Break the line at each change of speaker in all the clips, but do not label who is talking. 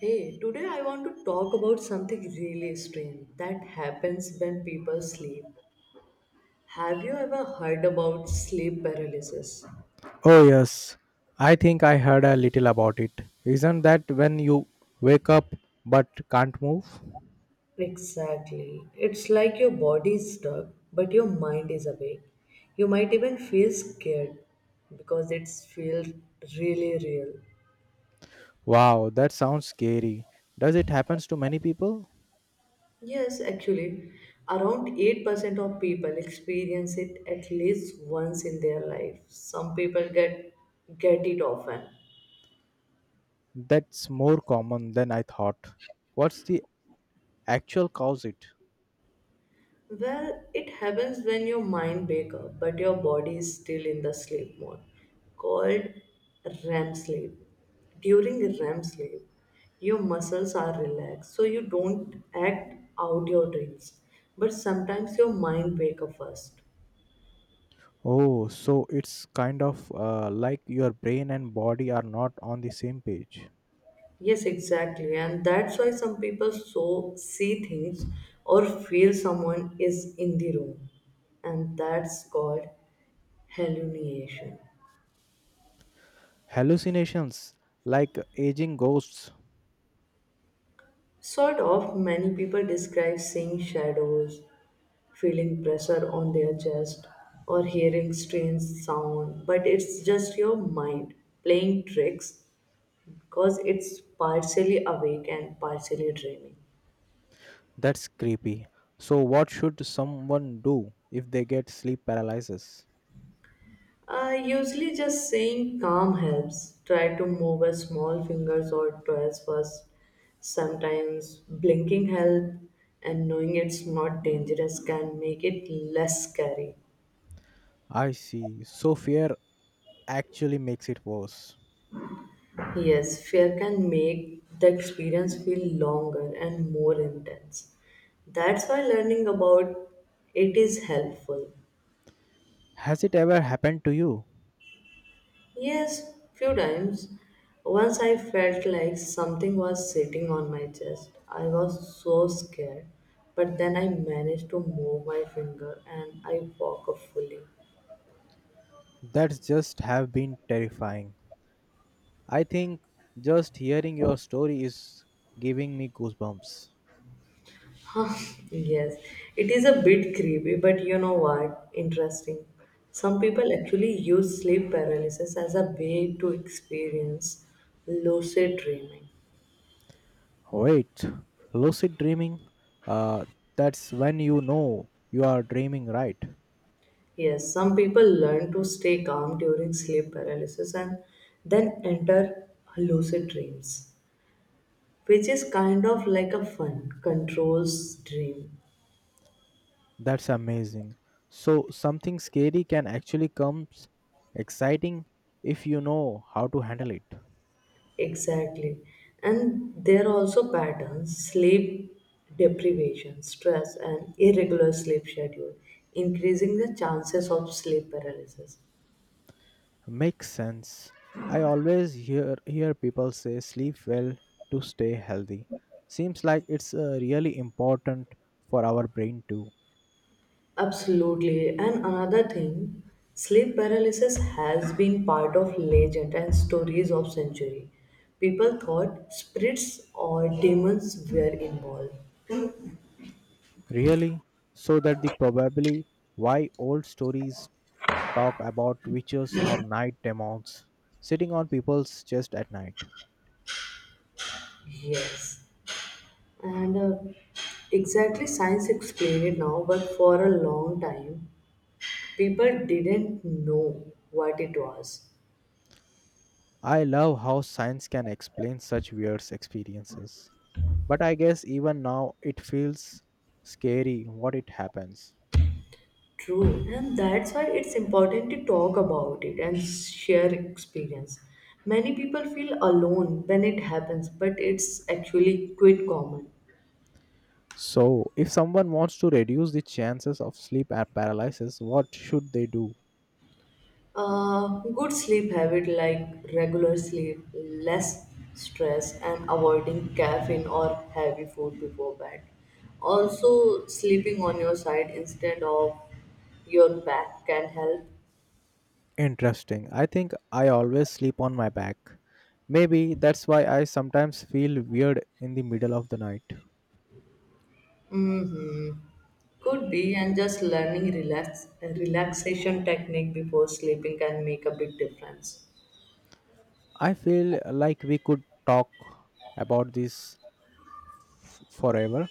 Hey, today I want to talk about something really strange that happens when people sleep. Have you ever heard about sleep paralysis?
Oh, yes. I think I heard a little about it. Isn't that when you wake up but can't move?
Exactly. It's like your body is stuck, but your mind is awake. You might even feel scared because it feels really real.
Wow, that sounds scary. Does it happens to many people?
Yes, actually, around 8% of people experience it at least once in their life. Some people get it often.
That's more common than I thought. What's the actual cause it?
Well, it happens when your mind wake up, but your body is still in the sleep mode, called REM sleep. During REM sleep, your muscles are relaxed, so you don't act out your dreams. But sometimes your mind wake up first.
Oh, so it's kind of like your brain and body are not on the same page.
Yes, exactly, and that's why some people see things or feel someone is in the room, and that's called hallucination.
Hallucinations, like aging ghosts.
Sort of, many people describe seeing shadows, feeling pressure on their chest, or hearing strange sound, but it's just your mind playing tricks because it's partially awake and partially dreaming.
That's creepy. So what should someone do if they get sleep paralysis?
Usually, just saying calm helps. Try to move a small fingers or toes first. Sometimes blinking help, and knowing it's not dangerous can make it less scary.
I see. So fear actually makes it worse.
Yes, fear can make the experience feel longer and more intense. That's why learning about it is helpful.
Has it ever happened to you?
Yes, few times. Once I felt like something was sitting on my chest. I was so scared, but then I managed to move my finger and I woke up fully.
That's just have been terrifying. I think just hearing your story is giving me goosebumps.
Yes, it is a bit creepy, but you know what? Interesting. Some people actually use sleep paralysis as a way to experience lucid dreaming.
Wait, lucid dreaming? Uh, that's when you know you are dreaming, right?
Yes, some people learn to stay calm during sleep paralysis and then enter lucid dreams, which is kind of like a fun, controls dream.
That's amazing. So something scary can actually come exciting if you know how to handle it.
Exactly. And there are also patterns: sleep deprivation, stress, and irregular sleep schedule, increasing the chances of sleep paralysis.
Makes sense. I always hear people say sleep well to stay healthy. Seems like it's really important for our brain too.
Absolutely. And another thing, sleep paralysis has been part of legend and stories of century. People thought spirits or demons were involved.
Really, so that the probably why old stories talk about witches or night demons sitting on people's chest at night.
Yes. And exactly science explained it now, but for a long time, people didn't know what it was.
I love how science can explain such weird experiences. But I guess even now it feels scary what it happens.
True, and that's why it's important to talk about it and share experience. Many people feel alone when it happens, but it's actually quite common.
So, if someone wants to reduce the chances of sleep paralysis, what should they do?
Uh, Good sleep habit like regular sleep, less stress, and avoiding caffeine or heavy food before bed. Also, sleeping on your side instead of your back can help.
Interesting. I think I always sleep on my back. Maybe that's why I sometimes feel weird in the middle of the night.
Hmm Could be, and just learning relaxation technique before sleeping can make a big difference.
I feel like we could talk about this forever.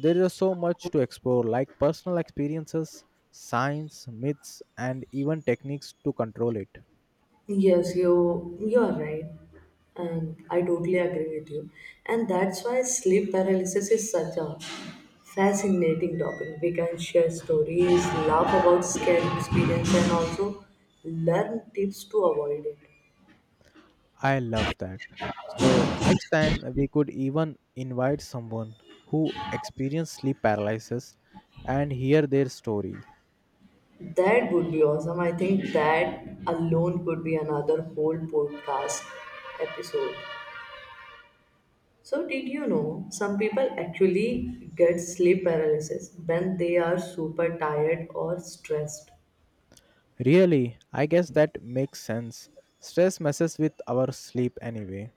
There is so much to explore, like personal experiences, science, myths, and even techniques to control it.
Yes, you are right, and I totally agree with you. And that's why sleep paralysis is such a fascinating topic. We can share stories, laugh about scary experience, and also learn tips to avoid it.
I love that. So next time we could even invite someone who experienced sleep paralysis and hear their story.
That would be awesome. I think that alone could be another whole podcast episode. So, did you know some people actually get sleep paralysis when they are super tired or stressed?
Really, I guess that makes sense. Stress messes with our sleep anyway.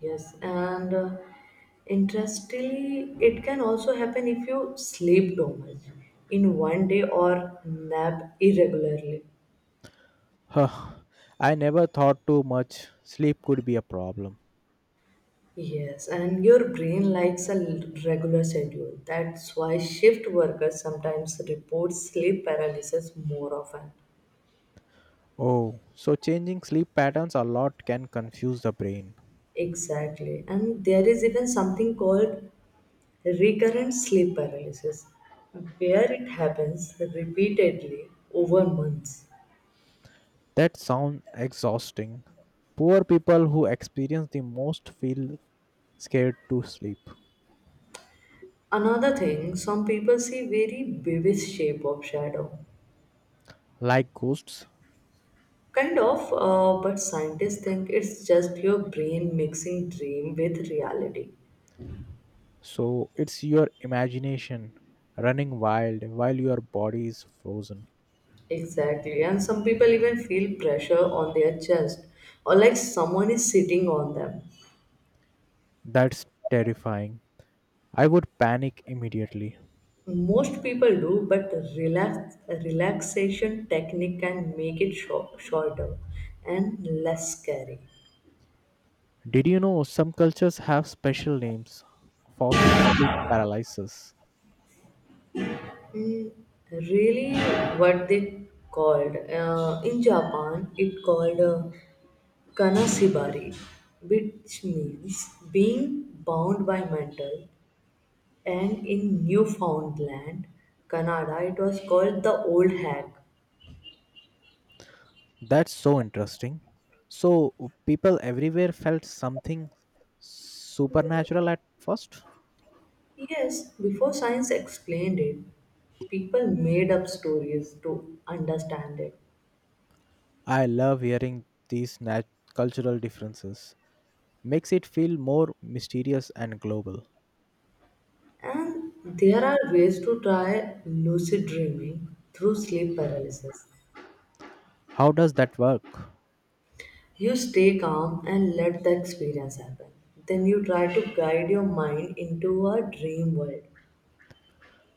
Yes, and interestingly, it can also happen if you sleep too much in one day or nap irregularly.
Huh, I never thought too much sleep could be a problem.
Yes, and your brain likes a regular schedule. That's why shift workers sometimes report sleep paralysis more often.
Oh, so changing sleep patterns a lot can confuse the brain.
Exactly. And there is even something called recurrent sleep paralysis, where it happens repeatedly over months.
That sounds exhausting. Poor people who experience the most feel scared to sleep.
Another thing, some people see very vivid shape of shadow.
Like ghosts.
Kind of, but scientists think it's just your brain mixing dream with reality.
So it's your imagination running wild while your body is frozen.
Exactly, and some people even feel pressure on their chest or like someone is sitting on them.
That's terrifying. I would panic immediately.
Most people do, but relaxation technique can make it shorter and less scary.
Did you know some cultures have special names for sleep paralysis?
Really, what they called in Japan, it called kanasibari, which means being bound by metal, and in Newfoundland, Canada, it was called the old hag.
That's so interesting. So people everywhere felt something supernatural at first.
Yes, before science explained it, people made up stories to understand it.
I love hearing these cultural differences. Makes it feel more mysterious and global.
And there are ways to try lucid dreaming through sleep paralysis.
How does that work?
You stay calm and let the experience happen. Then you try to guide your mind into a dream world.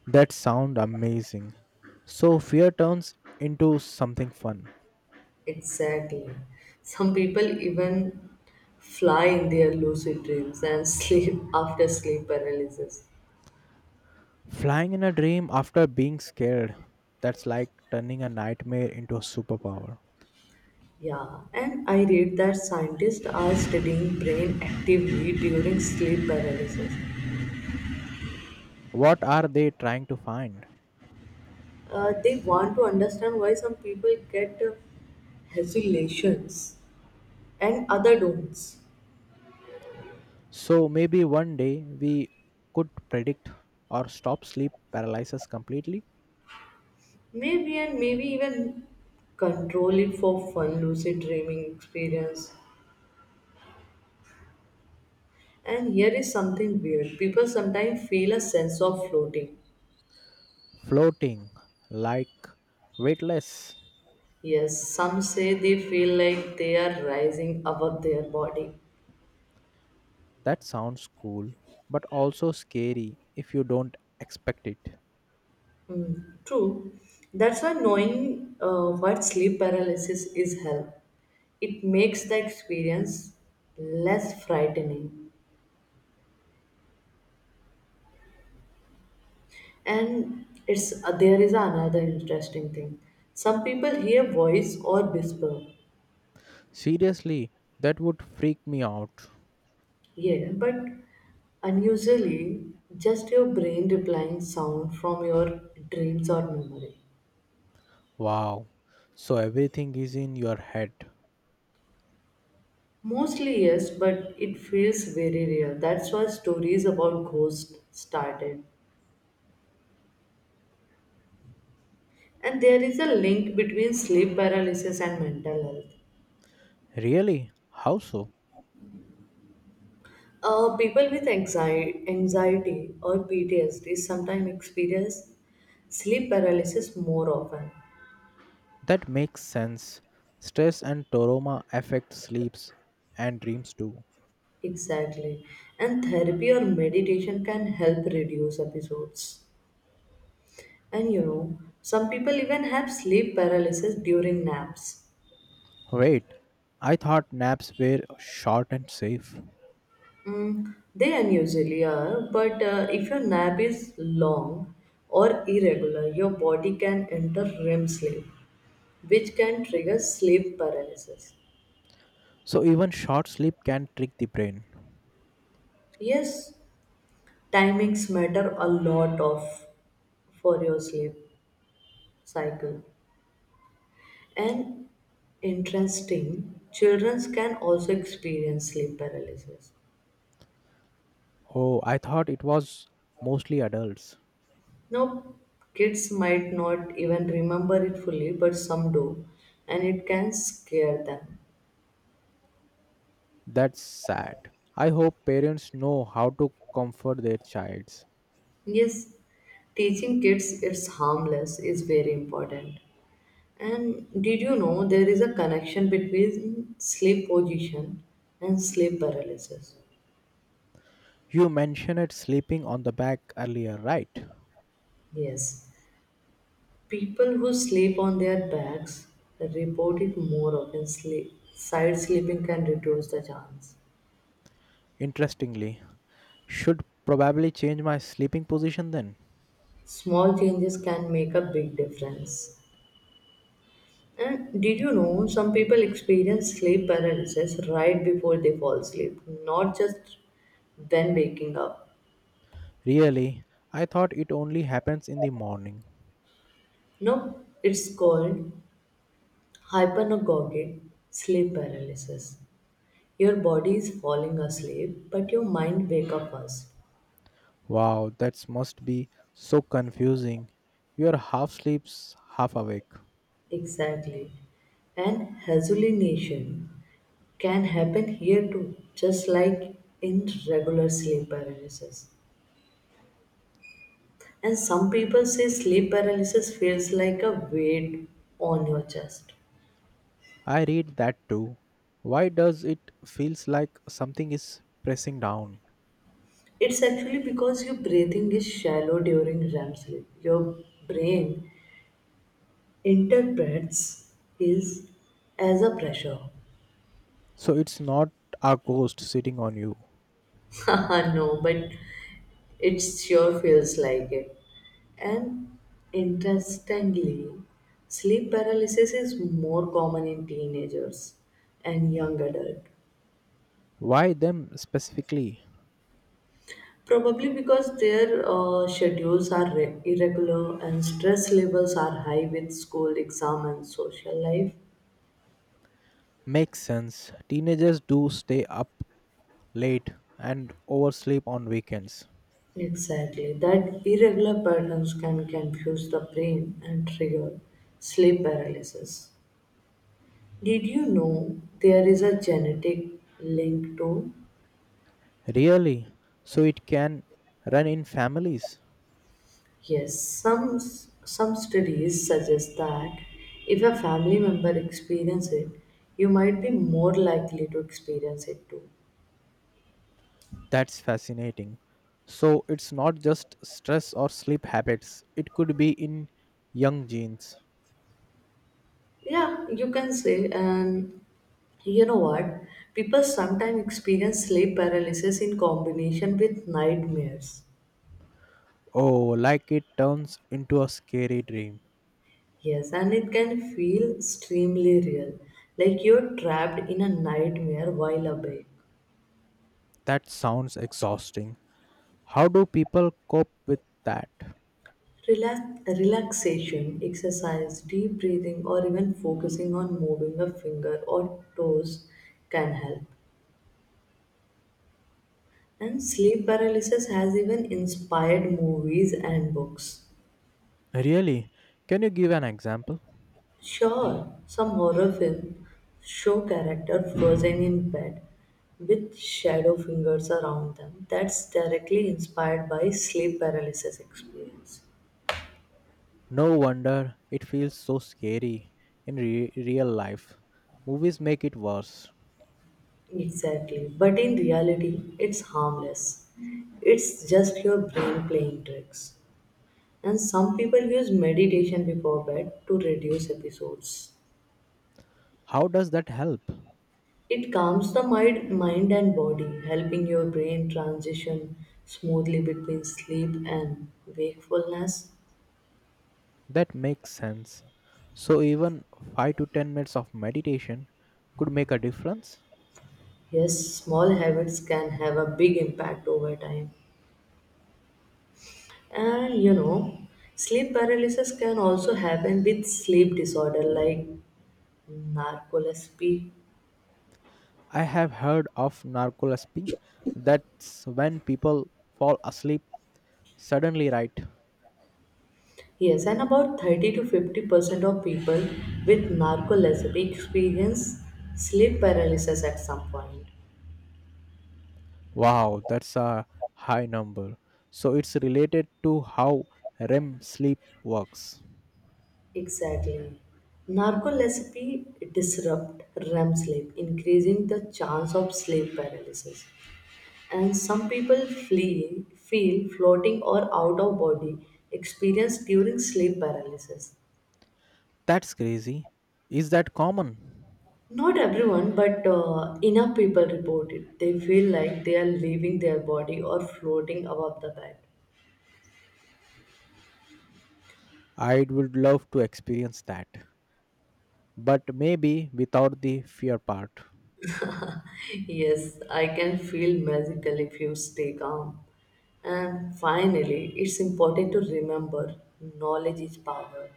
That sound amazing. So fear turns into something fun.
Exactly. Some people even fly in their lucid dreams and sleep after sleep paralysis.
Flying in a dream after being scared. That's like turning a nightmare into a superpower.
Yeah, and I read that scientists are studying brain activity during sleep paralysis.
What are they trying to find?
They want to understand why some people get hallucinations and other don't.
So maybe one day we could predict or stop sleep paralysis completely.
Maybe, and maybe even control it for fun, lucid dreaming experience. And here is something weird. People sometimes feel a sense of floating.
Floating like weightless.
Yes, some say they feel like they are rising above their body.
That sounds cool, but also scary if you don't expect it.
True. That's why knowing what sleep paralysis is help. It makes the experience less frightening. And it's there is another interesting thing. Some people hear voice or whisper.
Seriously, that would freak me out.
Yeah, but unusually just your brain replying sound from your dreams or memory.
Wow. So everything is in your head.
Mostly yes, but it feels very real. That's why stories about ghosts started. And there is a link between sleep paralysis and mental health.
Really? How so?
People with anxiety or PTSD sometimes experience sleep paralysis more often.
That makes sense. Stress and trauma affect sleeps and dreams too.
Exactly. And therapy or meditation can help reduce episodes. And you know, some people even have sleep paralysis during naps.
Wait, I thought naps were short and safe.
Mm, they unusually are, but if your nap is long or irregular, your body can enter REM sleep, which can trigger sleep paralysis.
So even short sleep can trick the brain.
Yes, timings matter a lot of for your sleep cycle. And interesting, children can also experience sleep paralysis.
Oh, I thought it was mostly adults.
Now, kids might not even remember it fully, but some do, and it can scare them.
That's sad. I hope parents know how to comfort their childs.
Yes, teaching kids it's harmless is very important. And did you know there is a connection between sleep position and sleep paralysis?
You mentioned sleeping on the back earlier, right?
Yes. People who sleep on their backs report it more often. Sleep. Side sleeping can reduce the chance.
Interestingly, should probably change my sleeping position then.
Small changes can make a big difference. And did you know some people experience sleep paralysis right before they fall asleep, not just when waking up?
Really, I thought it only happens in the morning.
No, it's called hypnagogic sleep paralysis. Your body is falling asleep, but your mind wake up first.
Wow, that must be so confusing. You're half sleeps, half awake.
Exactly. And hallucination can happen here too, just like in regular sleep paralysis. And some people say sleep paralysis feels like a weight on your chest.
I read that too. Why does it feels like something is pressing down?
It's actually because your breathing is shallow during REM sleep. Your brain interprets is as a pressure.
So it's not a ghost sitting on you.
No, but it sure feels like it. And interestingly, sleep paralysis is more common in teenagers and young adults.
Why them specifically?
Probably because their schedules are irregular and stress levels are high with school, exam, and social life.
Makes sense. Teenagers do stay up late, and oversleep on weekends.
Exactly. That irregular patterns can confuse the brain and trigger sleep paralysis. Did you know there is a genetic link to?
Really? So it can run in families?
Yes, some studies suggest that if a family member experiences it, you might be more likely to experience it too.
That's fascinating. So it's not just stress or sleep habits, it could be in young genes.
Yeah, you can say, and you know what? People sometimes experience sleep paralysis in combination with nightmares.
Oh, like it turns into a scary dream.
Yes, and it can feel extremely real, like you're trapped in a nightmare while awake.
That sounds exhausting. How do people cope with that?
Relaxation, exercise, deep breathing, or even focusing on moving a finger or toes can help. And sleep paralysis has even inspired movies and books.
Really? Can you give an example?
Sure, some horror film show character frozen in bed with shadow fingers around them. That's directly inspired by sleep paralysis experience.
No wonder it feels so scary in real life. Movies make it worse.
Exactly. But in reality, it's harmless. It's just your brain playing tricks. And some people use meditation before bed to reduce episodes.
How does that help?
It calms the mind and body, helping your brain transition smoothly between sleep and wakefulness.
That makes sense. So, even 5 to 10 minutes of meditation could make a difference.
Yes, small habits can have a big impact over time. And you know, sleep paralysis can also happen with sleep disorder like narcolepsy.
I have heard of narcolepsy. That's when people fall asleep suddenly, right?
Yes, and about 30 to 50% of people with narcolepsy experience sleep paralysis at some point.
Wow, that's a high number. So, it's related to how REM sleep works.
Exactly. Narcolepsy disrupt REM sleep, increasing the chance of sleep paralysis. And some people feel floating or out of body experience during sleep paralysis.
That's crazy. Is that common?
Not everyone, but enough people report it. They feel like they are leaving their body or floating above the bed.
I would love to experience that, but maybe without the fear part.
Yes, I can feel magical if you stay calm. And finally, it's important to remember knowledge is power.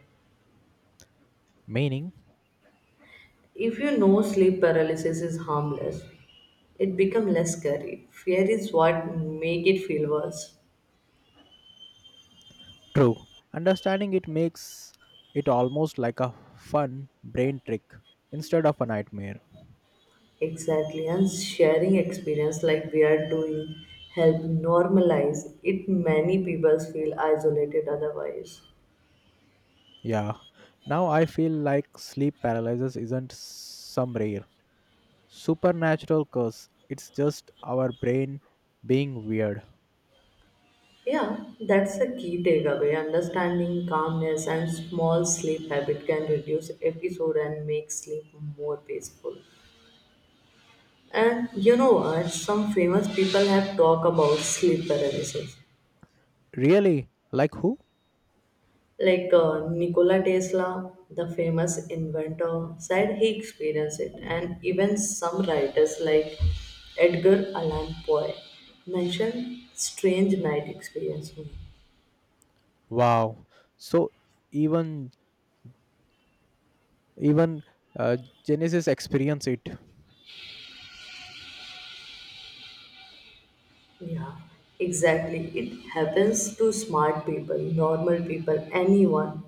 Meaning?
If you know sleep paralysis is harmless, it becomes less scary. Fear is what make it feel worse.
True. Understanding it makes it almost like a fun brain trick instead of a nightmare.
Exactly, and sharing experience like we are doing help normalize it. Many people feel isolated otherwise.
Yeah. Now I feel like sleep paralysis isn't some rare supernatural curse. It's just our brain being weird.
Yeah, that's the key takeaway. Understanding calmness and small sleep habit can reduce episode and make sleep more peaceful. And you know what? Some famous people have talked about sleep paralysis.
Really? Like who?
Like Nikola Tesla, the famous inventor, said he experienced it. And even some writers like Edgar Allan Poe mentioned strange night experiences.
Wow. So even Even uh, Genesis experience it.
Yeah, exactly. It happens to smart people, normal people, anyone.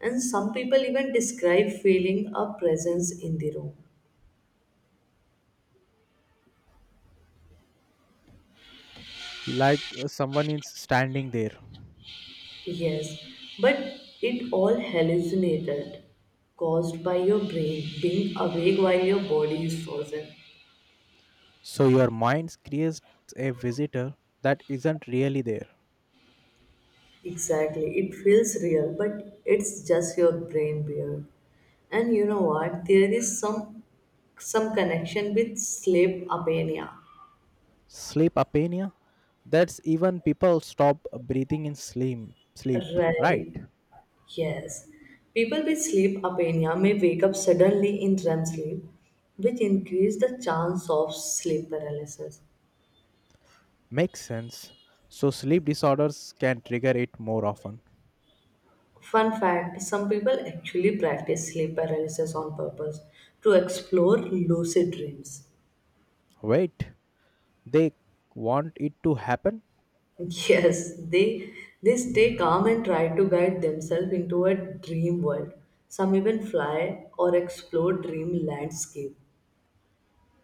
And some people even describe feeling a presence in the room.
Like someone is standing there.
Yes, but it all hallucinated, caused by your brain being awake while your body is frozen.
So your mind creates a visitor that isn't really there.
Exactly, it feels real, but it's just your brain weird. And you know what? There is some connection with sleep apnea.
Sleep apnea. That's even people stop breathing in sleep, right?
Right. Yes, people with sleep apnea may wake up suddenly in REM sleep, which increase the chance of sleep paralysis.
Makes sense. So sleep disorders can trigger it more often.
Fun fact, some people actually practice sleep paralysis on purpose to explore lucid dreams.
Wait. They want it to happen?
Yes, they stay calm and try to guide themselves into a dream world. Some even fly or explore dream landscape.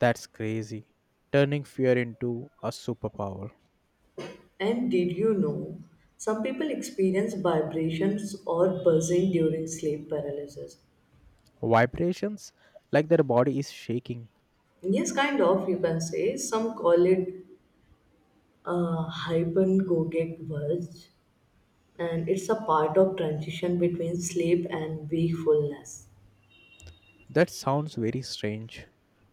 That's crazy. Turning fear into a superpower.
And did you know some people experience vibrations or buzzing during sleep paralysis?
Vibrations like their body is shaking.
Yes, kind of, you can say. Some call it hypnagogic buzz, and it's a part of transition between sleep and wakefulness.
That sounds very strange.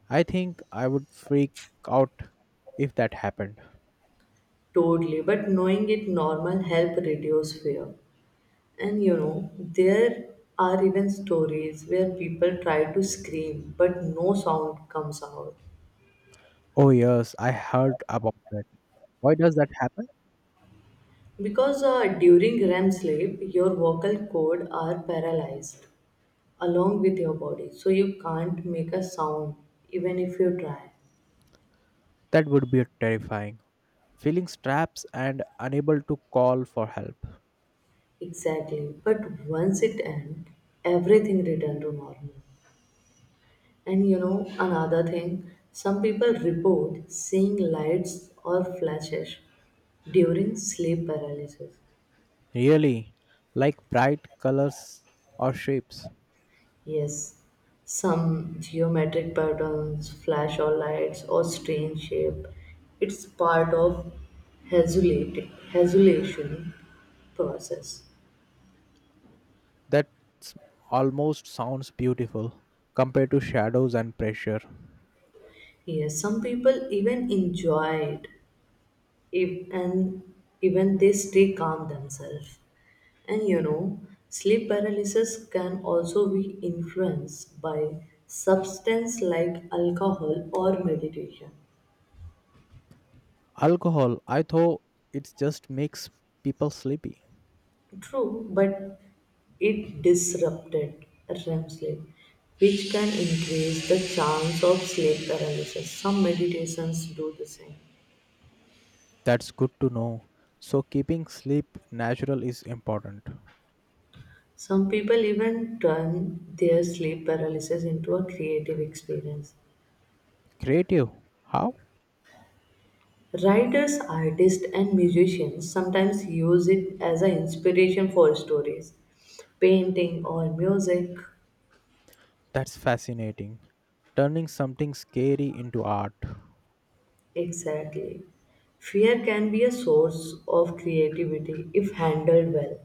I think I would freak out if that happened.
Totally, but knowing it normal help reduce fear. There are even stories where people try to scream, but no sound comes out.
Oh, yes, I heard about that. Why does that happen?
Because during REM sleep, your vocal cord are paralyzed along with your body, so you can't make a sound even if you try.
That would be terrifying. Feeling straps and unable to call for help.
Exactly. But once it ends, everything return to normal. And you know another thing, some people report seeing lights or flashes during sleep paralysis.
Really, like bright colors or shapes.
Yes, some geometric patterns, flash or lights, or strange shape. It's part of hazulation process.
That almost sounds beautiful compared to shadows and pressure.
Yes, some people even enjoy it, if, and even they stay calm themselves. And you know, sleep paralysis can also be influenced by substance like alcohol or meditation.
Alcohol, I thought it just makes people sleepy.
True, but it disrupted REM sleep, which can increase the chance of sleep paralysis. Some meditations do the same.
That's good to know. So keeping sleep natural is important.
Some people even turn their sleep paralysis into a creative experience.
Creative. How?
Writers, artists, and musicians sometimes use it as an inspiration for stories, painting, or music.
That's fascinating. Turning something scary into art.
Exactly. Fear can be a source of creativity if handled well.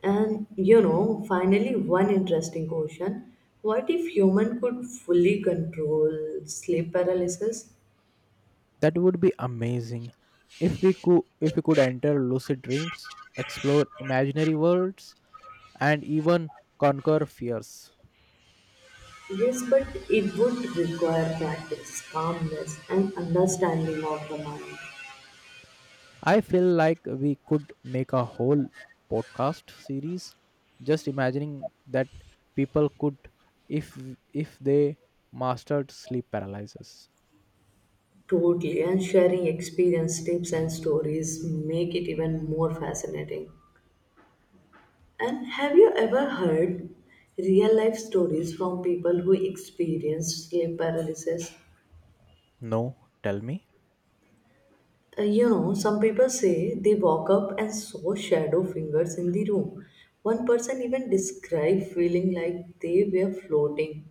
And you know, finally, one interesting question. What if human could fully control sleep paralysis?
That would be amazing. If we could enter lucid dreams, explore imaginary worlds and even conquer fears.
Yes, but it would require practice, calmness, and understanding of the mind.
I feel like we could make a whole podcast series just imagining that people could if if they mastered sleep paralysis.
Totally, and sharing experience, tips, and stories make it even more fascinating. And have you ever heard real life stories from people who experience sleep paralysis?
No, tell me.
You know, some people say they woke up and saw shadow fingers in the room. One person even described feeling like they were floating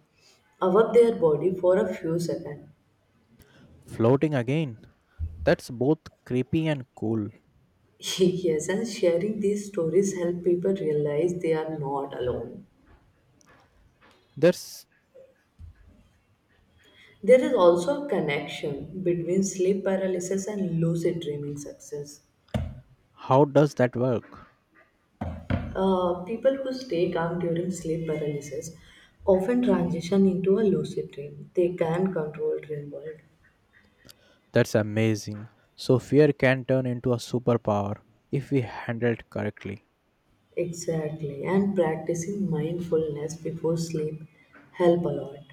above their body for a few seconds.
Floating again. That's both creepy and cool.
Yes, and sharing these stories help people realize they are not alone.
That's
There is also a connection between sleep paralysis and lucid dreaming success.
how does that work?
People who stay calm during sleep paralysis often transition into a lucid dream. They can control dream world.
That's amazing. So fear can turn into a superpower if we handle it correctly.
Exactly. And practicing mindfulness before sleep help a lot.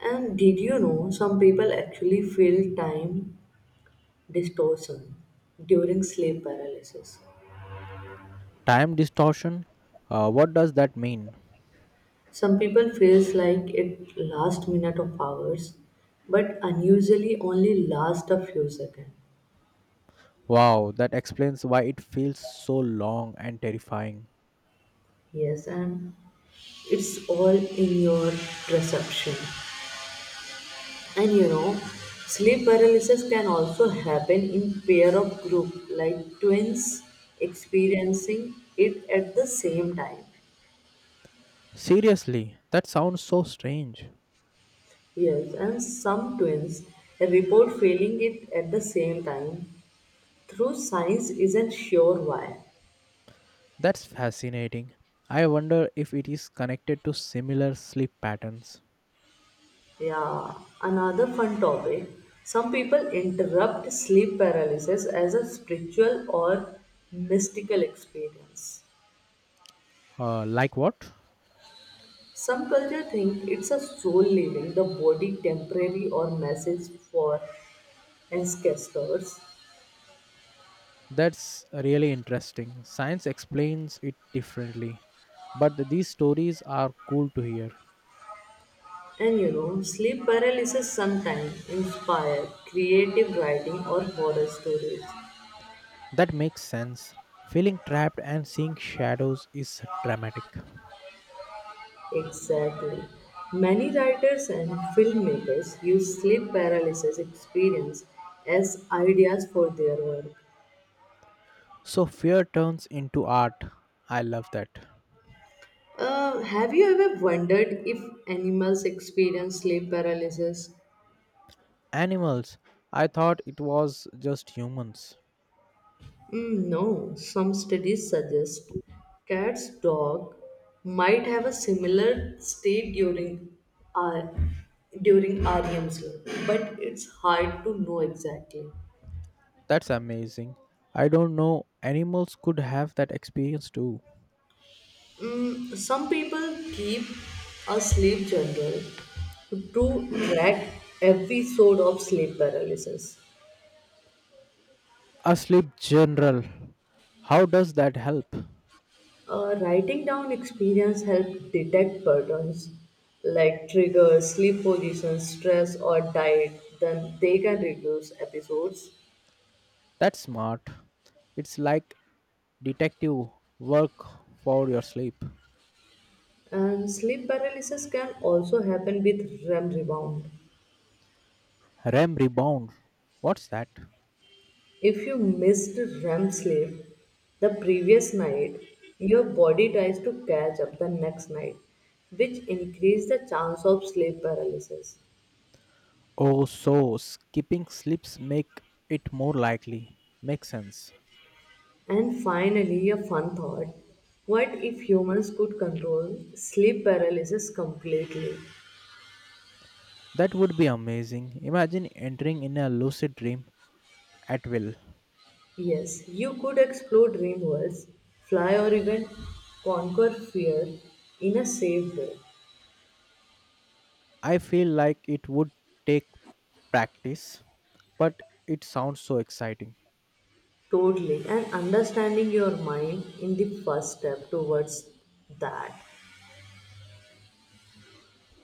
And did you know some people actually feel time distortion during sleep paralysis?
Time distortion? What does that mean?
Some people feels like it last minute of hours, but unusually only last a few seconds.
Wow, that explains why it feels so long and terrifying.
Yes, and it's all in your perception. And you know, sleep paralysis can also happen in pair of group, like twins experiencing it at the same time.
Seriously, that sounds so strange.
Yes, and some twins report feeling it at the same time, through science isn't sure why.
That's fascinating. I wonder if it is connected to similar sleep patterns.
Yeah, another fun topic. Some people interrupt sleep paralysis as a spiritual or mystical experience.
Like what?
Some culture think it's a soul leaving the body temporary or message for ancestors.
That's really interesting. Science explains it differently. But these stories are cool to hear.
And you know, sleep paralysis sometimes inspire creative writing or horror stories.
That makes sense. Feeling trapped and seeing shadows is dramatic.
Exactly. Many writers and filmmakers use sleep paralysis experience as ideas for their work.
So fear turns into art. I love that.
Have you ever wondered if animals experience sleep paralysis?
Animals. I thought it was just humans.
Mm, no, some studies suggest cats' dog might have a similar state during R, during REM sleep, but it's hard to know exactly.
That's amazing. I don't know animals could have that experience too.
Mm, some people keep a sleep journal to track episode of sleep paralysis.
A sleep general. How does that help?
Writing down experience help detect patterns like triggers, sleep positions, stress, or diet. Then they can reduce episodes.
That's smart. It's like detective work for your sleep.
And sleep paralysis can also happen with REM rebound.
REM rebound. What's that?
If you missed REM sleep the previous night, your body tries to catch up the next night, which increase the chance of sleep paralysis.
Oh, so skipping sleeps make it more likely. Makes sense.
And finally, a fun thought, what if humans could control sleep paralysis completely?
That would be amazing. Imagine entering in a lucid dream at will.
Yes, you could explore dream worlds, fly, or even conquer fear in a safe way.
I feel like it would take practice, but it sounds so exciting.
Totally. And understanding your mind in the first step towards that.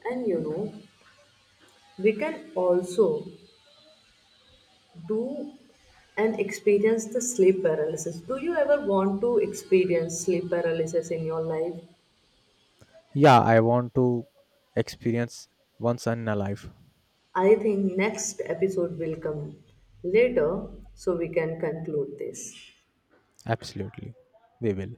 And you know, we can also do and experience the sleep paralysis. Do you ever want to experience sleep paralysis in your life?
Yeah, I want to experience once in a life.
I think next episode will come later so we can conclude this.
Absolutely. We will.